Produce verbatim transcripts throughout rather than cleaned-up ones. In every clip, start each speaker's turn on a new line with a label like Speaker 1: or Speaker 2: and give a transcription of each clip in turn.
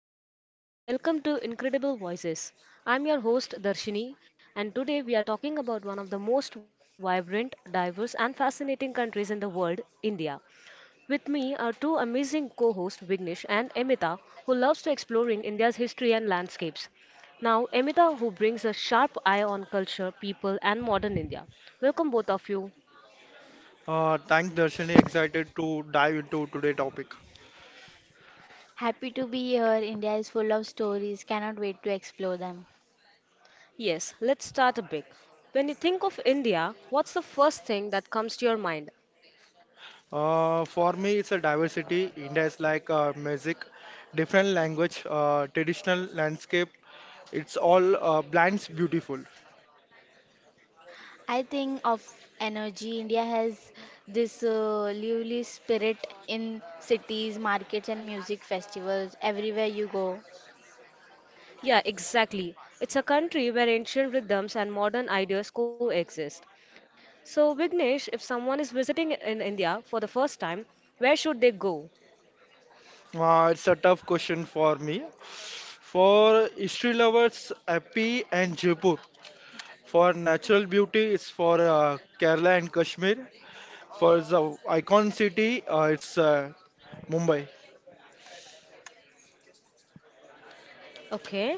Speaker 1: everyone, and welcome to Incredible Voices. I'm your host, Darshini, and today we are talking about one of the most vibrant, diverse, and fascinating countries in the world, India. With me are two amazing co hosts, Vignesh and Emita, who loves to exploring India's history and landscapes. Now, Emita, who brings a sharp eye on culture, people, and modern India. Welcome, both of you.
Speaker 2: Uh, thanks, Darshini. Excited to dive into today's topic.
Speaker 3: Happy to be here. India is full of stories. Cannot wait to explore them.
Speaker 1: Yes, let's start a big. When you think of India, what's the first thing that comes to your mind?
Speaker 2: Uh, for me, it's a diversity. India is like uh, music, different language, uh, traditional landscape. It's all uh, blends beautiful.
Speaker 3: I think of energy. India has this uh, lively spirit in cities, markets, and music festivals everywhere you go.
Speaker 1: Yeah, exactly. It's a country where ancient rhythms and modern ideas coexist. So, Vignesh, if someone is visiting in India for the first time, where should they go?
Speaker 2: Uh, it's a tough question for me. For history lovers, Happy and Jaipur. For natural beauty, it's for uh, Kerala and Kashmir. For the icon city, uh, it's uh, Mumbai.
Speaker 1: Okay.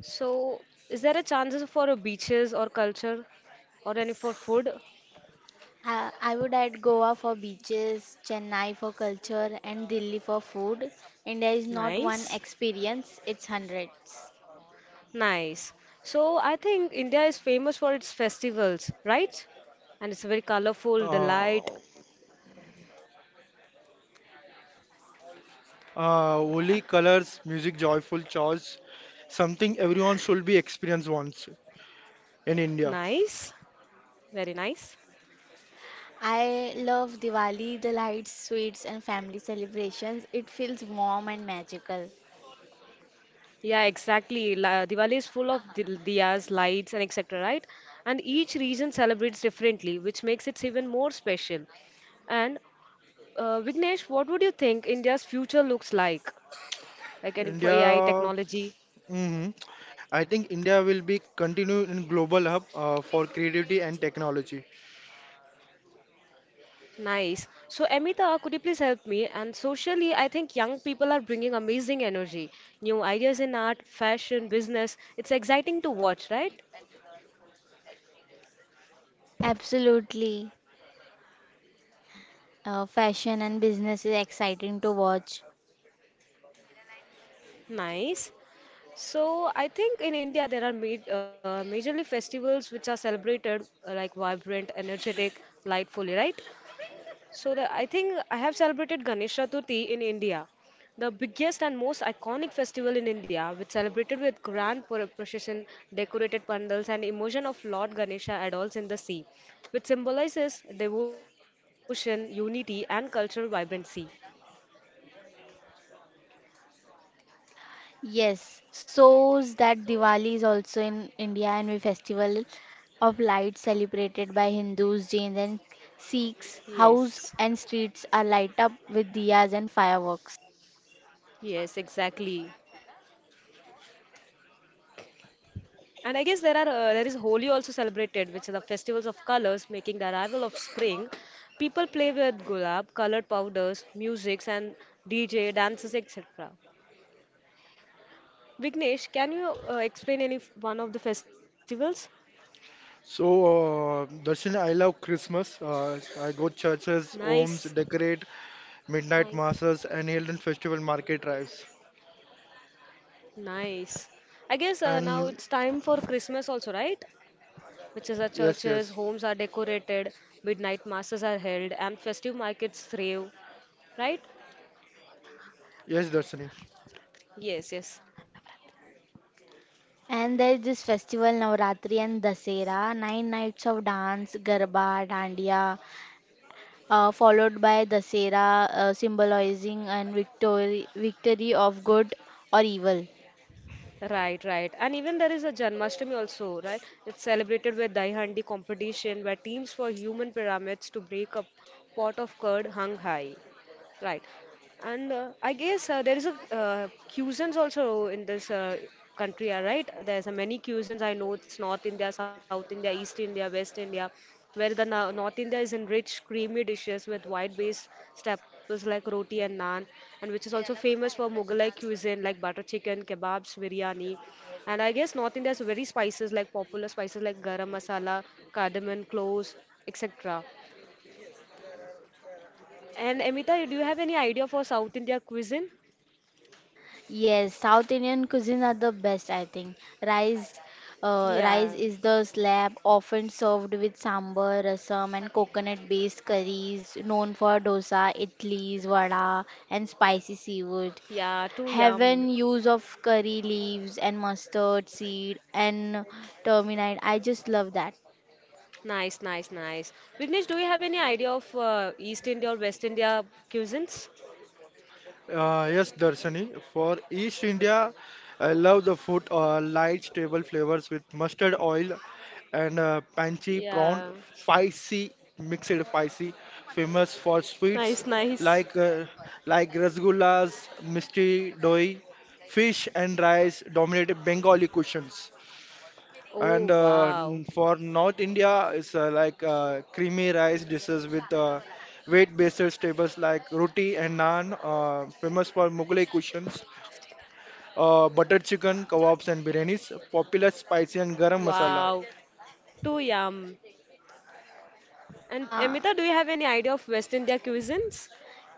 Speaker 1: So, is there a chances for a beaches or culture or any for food?
Speaker 3: I, I would add Goa for beaches, Chennai for culture, and Delhi for food. India is not one
Speaker 1: Nice.
Speaker 3: experience, it's hundreds.
Speaker 1: Nice. So, I think India is famous for its festivals, right? And it's very colorful, the
Speaker 2: Uh,
Speaker 1: light.
Speaker 2: Uh, Holi
Speaker 1: uh,
Speaker 2: colors, music, joyful chores, something everyone should be experienced once in India.
Speaker 1: Nice. Very nice.
Speaker 3: I love Diwali, the lights, sweets, and family celebrations. It feels warm and magical.
Speaker 1: Yeah, exactly. La Diwali is full of dil- diyas, lights, and et cetera, right? And each region celebrates differently, which makes it even more special. And uh, Vignesh, what would you think India's future looks like? Like any for A I
Speaker 2: India,
Speaker 1: technology?
Speaker 2: mhm. I think India will be continue in global hub uh, for creativity and technology.
Speaker 1: Nice. So, Amita, could you please help me? And socially, I think young people are bringing amazing energy, new ideas in art, fashion, business. It's exciting to watch, right?
Speaker 3: Absolutely. Uh, fashion and business is exciting to watch.
Speaker 1: Nice. So I think in India there are ma uh, majorly festivals which are celebrated uh, like vibrant, energetic, lightfully, right? So the, I think I have celebrated Ganesh Chaturthi in India, the biggest and most iconic festival in India, which celebrated with grand pro- procession, decorated pandals, and immersion of Lord Ganesha adults in the sea, which symbolizes devotion, unity, and cultural vibrancy.
Speaker 3: Yes, shows that Diwali is also in India and we festival of lights celebrated by Hindus, Jains and Sikhs.
Speaker 1: Yes,
Speaker 3: House and streets are light up with diyas and fireworks.
Speaker 1: yes, exactly. And I guess there are uh, there is Holi also celebrated, which are the festivals of colors, making the arrival of spring. People play with gulab, colored powders, musics, and D J dances, et cetera. Vignesh, can you uh, explain any f- one of the festivals?
Speaker 2: So, uh, Darshan, I love Christmas. Uh, I go churches,
Speaker 1: Nice,
Speaker 2: homes, decorate, midnight masses, and Hilton festival market drives.
Speaker 1: nice. I guess uh, now
Speaker 2: And
Speaker 1: it's time for Christmas also, right? Which is our
Speaker 2: yes,
Speaker 1: churches,
Speaker 2: yes,
Speaker 1: homes are decorated, midnight masses are held, and festive markets thrive, right?
Speaker 2: yes, Darshan.
Speaker 1: Yes, yes.
Speaker 3: And there is this festival Navratri and Dasera, nine nights of dance, garba, dandiya, uh, followed by Dasera, uh, symbolizing and victory, victory of good or evil.
Speaker 1: Right, right. And even there is a Janmashtami also, right? It's celebrated with Dahi Handi competition where teams for human pyramids to break a pot of curd hung high. Right. And uh, I guess uh, There is a uh, cuisines also in this uh, country, uh, right? There's a many cuisines. I know it's North India, South India, East India, West India, where the na- North India is in rich, creamy dishes with wide-based staples like roti and naan, and which is also famous for Mughalai cuisine like butter chicken, kebabs, biryani. And I guess North India is very spices like popular spices like garam masala, cardamom, cloves, et cetera. And Amita, do you have any idea for South India cuisine?
Speaker 3: Yes, South Indian cuisines are the best, I think. Rice, uh, rice
Speaker 1: Yeah.
Speaker 3: is the slab often served with sambar, rasam, and coconut-based curries known for dosa, idlis, vada, and spicy seafood.
Speaker 1: Yeah, too
Speaker 3: Heaven
Speaker 1: yum.
Speaker 3: use of curry leaves and mustard seed and turmeric. I just love that.
Speaker 1: Nice, nice, nice. Vignesh, do you have any idea of uh, East India or West India cuisines?
Speaker 2: Uh, yes, Darshani. For East India, I love the food, uh, light, stable flavors with mustard oil and uh, panchi
Speaker 1: Yeah.
Speaker 2: prawn, spicy, mixed spicy, famous for
Speaker 1: Nice,
Speaker 2: sweets
Speaker 1: nice.
Speaker 2: like uh, like rasgullas, misti doi, fish and rice dominate Bengali cuisines.
Speaker 1: Oh,
Speaker 2: And uh,
Speaker 1: wow.
Speaker 2: n- for North India, it's uh, like uh, creamy rice dishes with uh, weight-based staples like roti and naan, uh, famous for Mughlai cuisines, uh, buttered chicken, kebabs and biryanis, popular spicy and garam masala.
Speaker 1: Wow. Too yum. And
Speaker 3: Uh,
Speaker 1: Amita, do you have any idea of West India cuisines?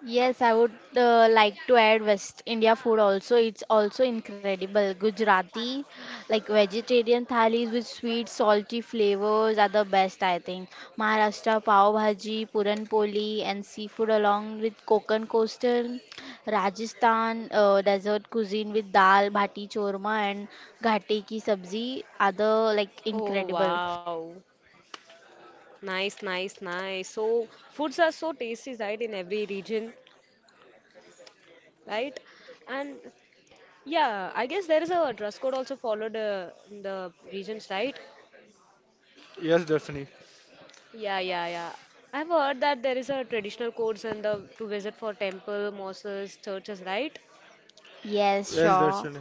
Speaker 3: Yes, I would uh, like to add West India food also. It's also incredible. Gujarati, like vegetarian thalis with sweet, salty flavors are the best, I think. Maharashtra pav bhaji, puran poli, and seafood along with Konkan coastal. Rajasthan uh, desert cuisine with dal, bhati chorma, and ghate ki sabzi are the like
Speaker 1: Oh,
Speaker 3: incredible.
Speaker 1: wow. Nice, nice, nice. So, foods are so tasty, right, in every region, right? And yeah, I guess there is a dress code also followed uh, in the regions, right?
Speaker 2: Yes, Darshini.
Speaker 1: Yeah, yeah, yeah. I've heard that there is a traditional codes and the to visit for temple, mosques, churches, right?
Speaker 3: Yes,
Speaker 2: Yes,
Speaker 3: sure.
Speaker 2: Darshini.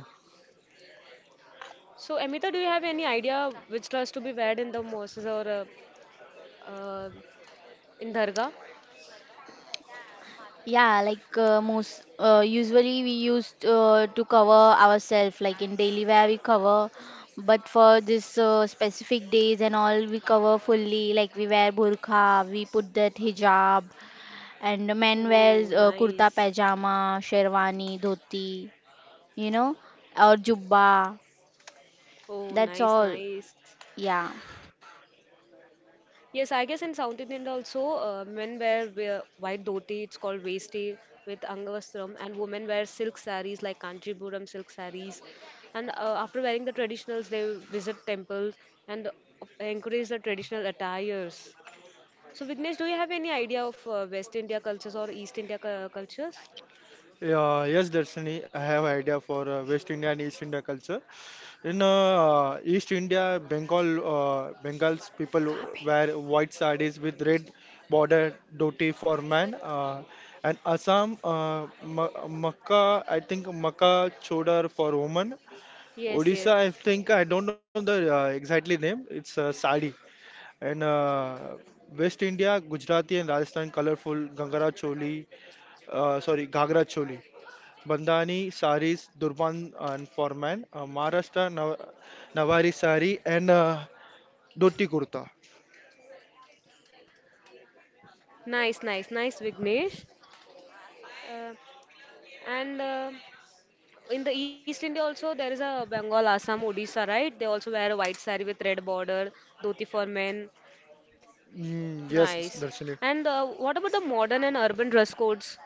Speaker 1: So, Amita, do you have any idea which dress to be wear in the mosques or uh, uh, in dargah?
Speaker 3: Yeah, like uh, most uh, usually we used uh, to cover ourselves, like in daily wear we cover, but for this uh, specific days and all we cover fully. Like we wear burqa, we put that hijab, and the men wears
Speaker 1: Oh,
Speaker 3: uh, kurta
Speaker 1: nice.
Speaker 3: pajama, sherwani, dhoti, you know, or jubba.
Speaker 1: Oh,
Speaker 3: That's
Speaker 1: nice,
Speaker 3: all.
Speaker 1: nice.
Speaker 3: Yeah.
Speaker 1: Yes, I guess in South Indian also, uh, men wear, wear white dhoti, it's called vesti with angavastram, and women wear silk sarees like Kanchipuram silk sarees. And uh, After wearing the traditionals, they visit temples and encourage the traditional attires. So, Vignesh, do you have any idea of uh, West India cultures or East India cu- cultures?
Speaker 2: Yeah, yes, Darshini. I have idea for uh, West India and East India culture. In uh, East India, Bengal, uh, Bengals people wear white sarees with red border dhoti for men. Uh, and Assam, uh, Ma- Makka, I think Makka chodar for women.
Speaker 1: Yes,
Speaker 2: Odisha,
Speaker 1: yes.
Speaker 2: I think I don't know the uh, exactly name. It's uh, sari. And uh, West India, Gujarati and Rajasthan colorful Gangara choli, uh, sorry, Ghagra choli. Bandhani saris, durban and for uh, Maharashtra Nav Nawari sari and uh, dhoti kurta.
Speaker 1: Nice, nice, nice, Vignesh. Uh, and uh, In the East India also there is a Bengal, Assam, Odisha, right? They also wear a white saree with red border, dhoti for men.
Speaker 2: Mm, yes,
Speaker 1: Nice.
Speaker 2: Darshan.
Speaker 1: And uh, What about the modern and urban dress codes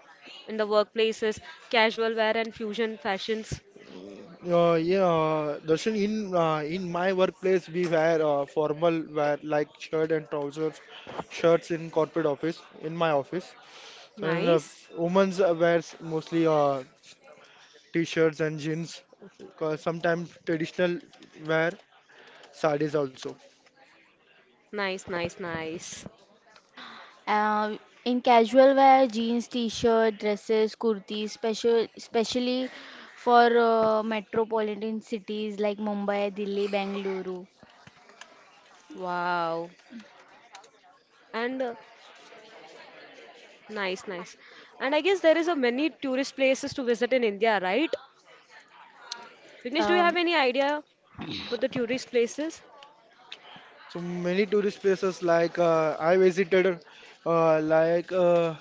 Speaker 1: in the workplaces, casual wear and fusion fashions?
Speaker 2: Uh, yeah, uh, Darshan, in uh, in my workplace we wear uh, formal wear like shirt and trousers, shirts in corporate office, in my office. So, and uh,
Speaker 1: Nice,
Speaker 2: women's uh, wears mostly uh, t-shirts and jeans, uh, sometimes traditional wear, sarees also.
Speaker 1: nice, nice, nice.
Speaker 3: Uh, in casual wear, jeans, t-shirt, dresses, kurtis, special, especially for uh, metropolitan cities like Mumbai, Delhi, Bengaluru.
Speaker 1: Wow. And uh, Nice, nice. And I guess there is a many tourist places to visit in India, right? Vignesh, do you
Speaker 3: Um,
Speaker 1: have any idea about the tourist places?
Speaker 2: So many tourist places like uh, I visited uh, like uh,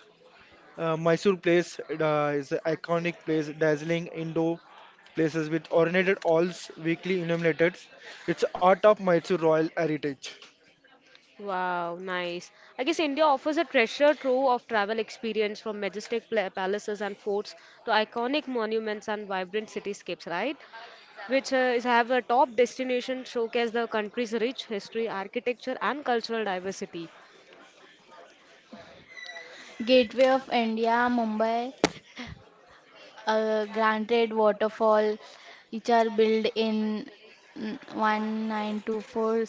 Speaker 2: uh, Mysore place uh, is an iconic place, dazzling indoor places with ornated halls, weekly illuminated. It's art of Mysore royal heritage.
Speaker 1: Wow, nice. I guess India offers a treasure trove of travel experience from majestic pla- palaces and forts to iconic monuments and vibrant cityscapes, right? Which uh, is have a top destination showcase the country's rich history, architecture, and cultural diversity.
Speaker 3: Gateway of India, Mumbai, uh, Granted Waterfall, which are built in mm, one nine two four.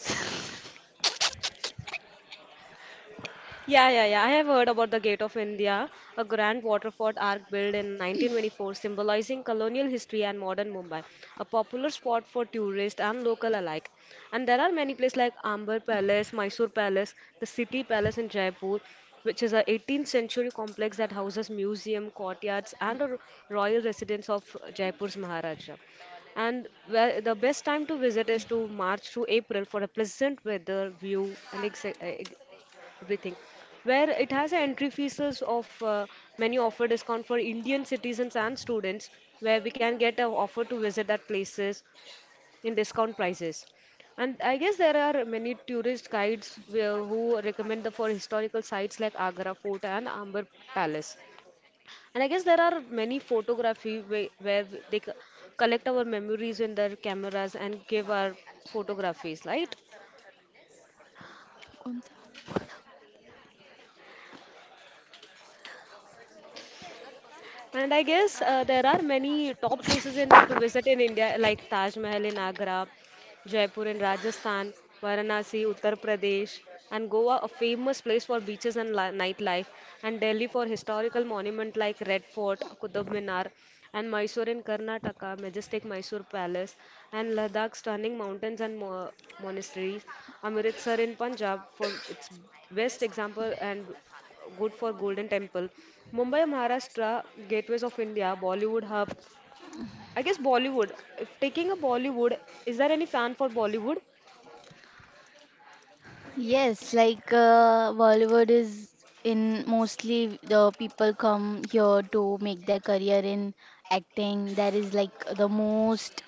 Speaker 1: Yeah, yeah, yeah. I have heard about the Gate of India, a grand waterford arch built in nineteen twenty-four, symbolizing colonial history and modern Mumbai, a popular spot for tourists and local alike. And there are many places like Amber Palace, Mysore Palace, the City Palace in Jaipur, which is a eighteenth century complex that houses museum, courtyards, and a royal residence of Jaipur's Maharaja. And where the best time to visit is to March to April for a pleasant weather, view, and etc everything where it has an entry fees of uh, many offer discount for Indian citizens and students where we can get an offer to visit that places in discount prices, and I guess there are many tourist guides where- who recommend the for historical sites like Agra Fort and Amber Palace. And I guess there are many photography where, where they c- collect our memories in their cameras and give our photographies, right? And I guess uh, there are many top places in to visit in India, like Taj Mahal in Agra, Jaipur in Rajasthan, Varanasi, Uttar Pradesh, and Goa, a famous place for beaches and li- nightlife, and Delhi for historical monuments like Red Fort, Qutub Minar, and Mysore in Karnataka, majestic Mysore Palace, and Ladakh, stunning mountains and mo- monasteries, Amritsar in Punjab for its best example and good for Golden Temple. Mumbai, Maharashtra, gateways of India, Bollywood hub. I guess Bollywood. If taking a Bollywood, is there any fan for Bollywood?
Speaker 3: Yes, like uh, Bollywood is in mostly the people come here to make their career in acting. That is like the most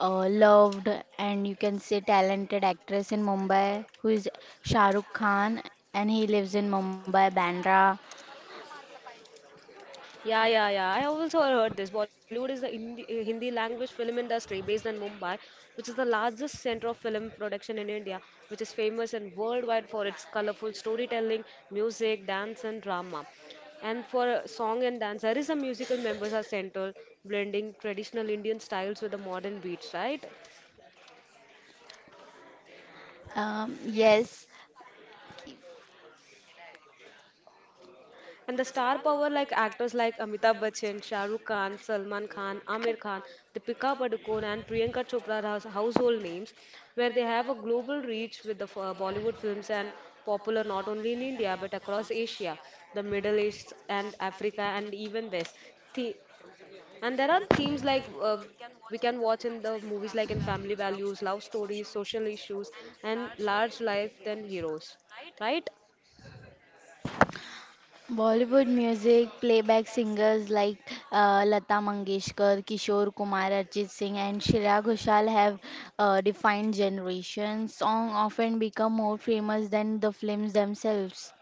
Speaker 3: uh, loved and you can say talented actress in Mumbai who is Shah Rukh Khan and he lives in Mumbai, Bandra.
Speaker 1: Yeah, yeah, yeah. I also heard this. Bollywood is the Hindi, eh, Hindi language film industry based in Mumbai, which is the largest center of film production in India, which is famous and worldwide for its colorful storytelling, music, dance, and drama. And for song and dance, there is a musical members are central, blending traditional Indian styles with the modern beats, right?
Speaker 3: Um, yes,
Speaker 1: And the star power like actors like Amitabh Bachchan, Shah Rukh Khan, Salman Khan, Amir Khan, Deepika Padukone and Priyanka Chopra are household names where they have a global reach with the f- uh, Bollywood films and popular not only in India but across Asia, the Middle East and Africa and even West. The- and there are themes like uh, we can watch in the movies like in family values, love stories, social issues and large life than heroes, right?
Speaker 3: Bollywood music, playback singers like uh, Lata Mangeshkar, Kishore Kumar, Arjit Singh, and Shreya Ghoshal have uh, defined generations. Songs often become more famous than the films themselves.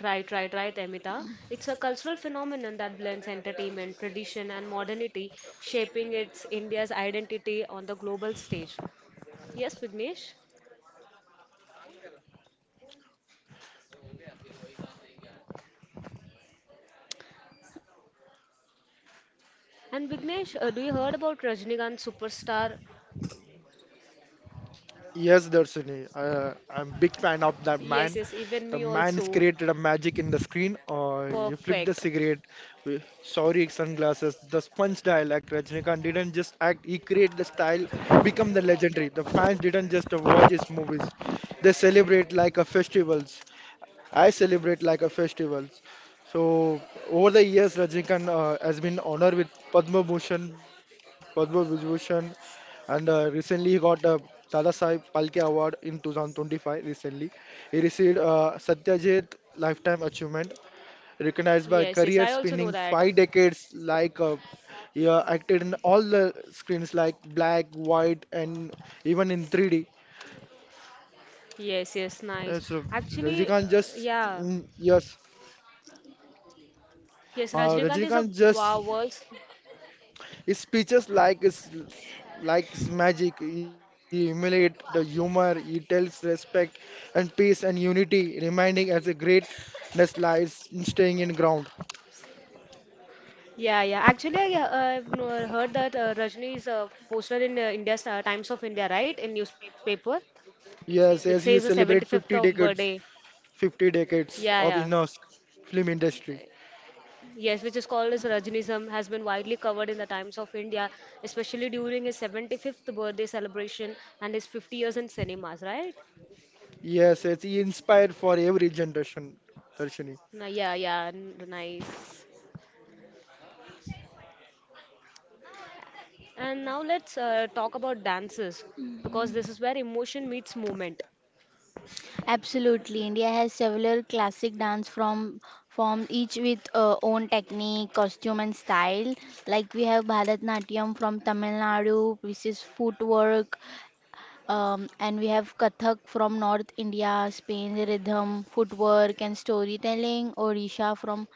Speaker 1: Right, right, right, Amita. It's a cultural phenomenon that blends entertainment, tradition, and modernity, shaping its India's identity on the global stage. Yes, Vignesh. And Vignesh, uh, do you heard about Rajnikant superstar?
Speaker 2: Yes, Darshini, uh, I'm big fan of that
Speaker 1: Yes,
Speaker 2: man.
Speaker 1: yes, even
Speaker 2: The
Speaker 1: me
Speaker 2: man has
Speaker 1: also.
Speaker 2: created a magic in the screen. Uh, you flip the
Speaker 1: Perfect.
Speaker 2: cigarette, with sorry sunglasses, the sponge style. Like Rajnikant didn't just act; he created the style, become the legendary. The fans didn't just watch his movies; they celebrate like a festivals. I celebrate like a festival. So over the years, Rajnikant uh, has been honored with Padma Bhushan, Padma Vibhushan, and uh, recently he got the Dada Saheb Palke Award in two thousand twenty-five. Recently, he received uh, Satyajit Lifetime Achievement, recognized by
Speaker 1: Yes,
Speaker 2: career
Speaker 1: yes, I also
Speaker 2: spanning
Speaker 1: know that.
Speaker 2: five decades. Like uh, he uh, acted in all the screens, like black, white, and even in three D.
Speaker 1: Yes, yes,
Speaker 2: Uh,
Speaker 1: nice.
Speaker 2: So
Speaker 1: Actually, uh,
Speaker 2: Rajnikant just
Speaker 1: yeah.
Speaker 2: mm, yes,
Speaker 1: Yes,
Speaker 2: uh,
Speaker 1: Rajnikant is a
Speaker 2: Rajnikant just
Speaker 1: wow, world's.
Speaker 2: speeches like is like is magic. He emulate the humor. He tells respect and peace and unity, reminding as a greatness lies in staying in ground.
Speaker 1: Yeah, yeah. Actually, I, uh, I've no- heard that uh, Rajni is uh, posted in uh, India's uh, Times of India, right? In newspaper, which
Speaker 2: Yes,
Speaker 1: says
Speaker 2: as
Speaker 1: the
Speaker 2: he
Speaker 1: seventy-fifth
Speaker 2: celebrate
Speaker 1: of
Speaker 2: fifty
Speaker 1: birthday.
Speaker 2: decades, fifty
Speaker 1: Yeah,
Speaker 2: decades of
Speaker 1: yeah.
Speaker 2: Innos film industry.
Speaker 1: Yes, which is called as Rajnism, has been widely covered in the Times of India, especially during his seventy-fifth birthday celebration and his fifty years in cinemas, right?
Speaker 2: Yes, as he inspired for every generation. Darshini.
Speaker 1: No, yeah, yeah, n- nice. And now let's uh, talk about dances because this is where emotion meets movement.
Speaker 3: Absolutely. India has several classic dance from forms, each with uh, own technique, costume, and style. Like we have Bharatnatyam from Tamil Nadu, which is footwork, um, and we have Kathak from North India, Spain, rhythm, footwork, and storytelling. Odisha from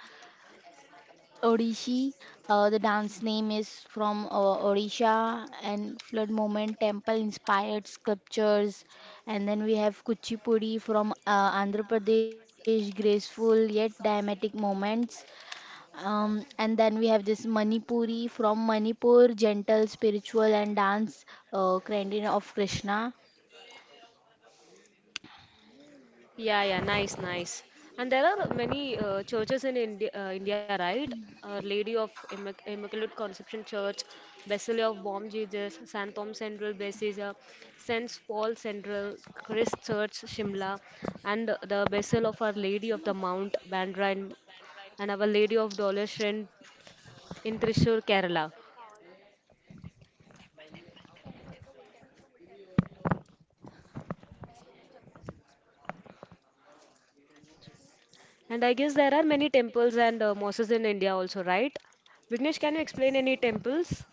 Speaker 3: Odissi. Uh, the dance name is from uh, Odisha and flood moment temple inspired sculptures. And then we have Kuchipudi from uh, Andhra Pradesh, graceful yet dramatic moments. Um, and then we have this Manipuri from Manipur, gentle, spiritual, and dance uh, kind of Krishna.
Speaker 1: Yeah, yeah, nice, nice. And there are many uh, churches in India, uh, India, right? Our Lady of Immac Immaculate Conception Church, Basilica of Bomb Jesus, Saint Tom Central Basilica, Saint Paul Central, Christ Church, Shimla, and the Basil of Our Lady of the Mount, Bandra, in, and Our Lady of Dolores in Thrissur, Kerala. And I guess there are many temples and uh, mosques in India also, right? Vignesh, can you explain any temples?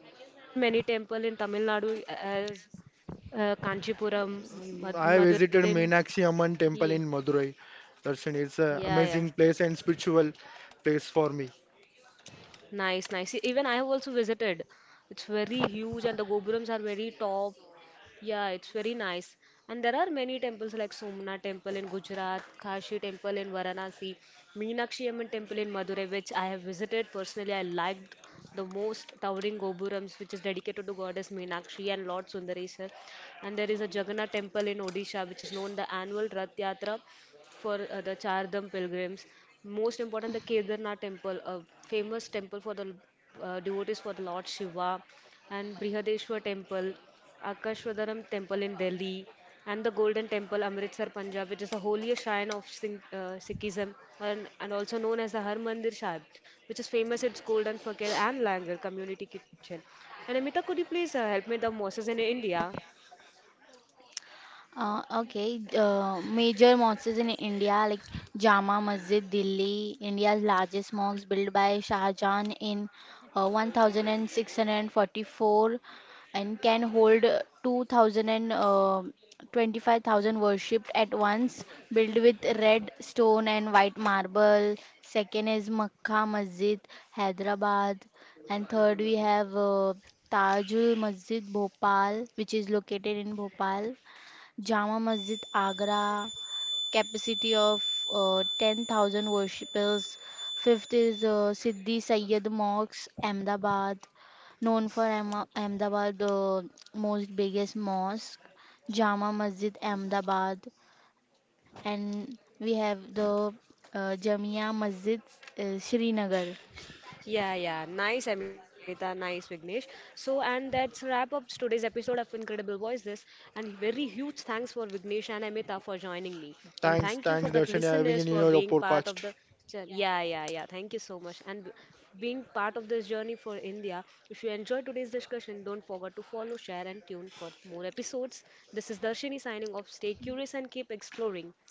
Speaker 1: I guess there are many temples in Tamil Nadu as uh, Kanchipuram,
Speaker 2: Mm,
Speaker 1: Mad
Speaker 2: I visited
Speaker 1: Madurai.
Speaker 2: Meenakshi Amman
Speaker 1: Ye-
Speaker 2: temple in Madurai. Darshini, it's an
Speaker 1: Yeah, yeah.
Speaker 2: amazing place and spiritual place for me.
Speaker 1: Nice, nice. E- Even I have also visited. It's very huge and the Gopurams are very top. Yeah, it's very nice. And there are many temples like Somnath temple in Gujarat, Kashi temple in Varanasi, Meenakshi Amman temple in Madurai, which I have visited personally. I liked the most towering Gopurams, which is dedicated to goddess Meenakshi and Lord Sundareswar. And there is a Jagannath temple in Odisha, which is known the annual Rath Yatra, for uh, the Chardham pilgrims. Most important, the Kedarnath temple, a famous temple for the uh, devotees for the Lord Shiva, and Brihadeshwar temple, Akashwadaram temple in Delhi, and the Golden Temple, Amritsar, Punjab, which is the holiest shrine of Sing- uh, Sikhism and, and also known as the Harmandir Sahib, which is famous its golden fakir and langar community kitchen. And Amita, could you please uh, help me with the mosques in India?
Speaker 3: Uh, okay, uh, major mosques in India like Jama Masjid, Delhi, India's largest mosque built by Shah Jahan in uh, sixteen forty-four and can hold uh, two thousand and uh, twenty-five thousand worshipped at once, built with red stone and white marble. Second is Makkah Masjid, Hyderabad, and third we have uh, Tajul Masjid, Bhopal, which is located in Bhopal. Jama Masjid Agra, capacity of uh, ten thousand worshippers. Fifth is uh, Siddhi Sayyed Mosque, Ahmedabad, known for Ahma- Ahmedabad, the most biggest mosque, Jama Masjid Ahmedabad, and we have the uh, Jamia Masjid, uh, Srinagar.
Speaker 1: Yeah, yeah. Nice, Amita. Nice, Vignesh. So, and that's wrap up today's episode of Incredible Voices. And very huge thanks for Vignesh and Amita for joining me. And
Speaker 2: Thanks,
Speaker 1: thank you for
Speaker 2: thanks,
Speaker 1: the
Speaker 2: Darshan, yeah,
Speaker 1: listeners
Speaker 2: having in
Speaker 1: for
Speaker 2: your
Speaker 1: being part of
Speaker 2: podcast.
Speaker 1: the. jour- Yeah, yeah, yeah. Thank you so much. And b- being part of this journey for India. If you enjoyed today's discussion, don't forget to follow, share, and tune for more episodes. This is Darshini signing off. Stay curious and keep exploring.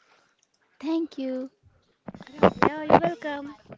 Speaker 3: Thank you.
Speaker 1: Yeah, you're welcome.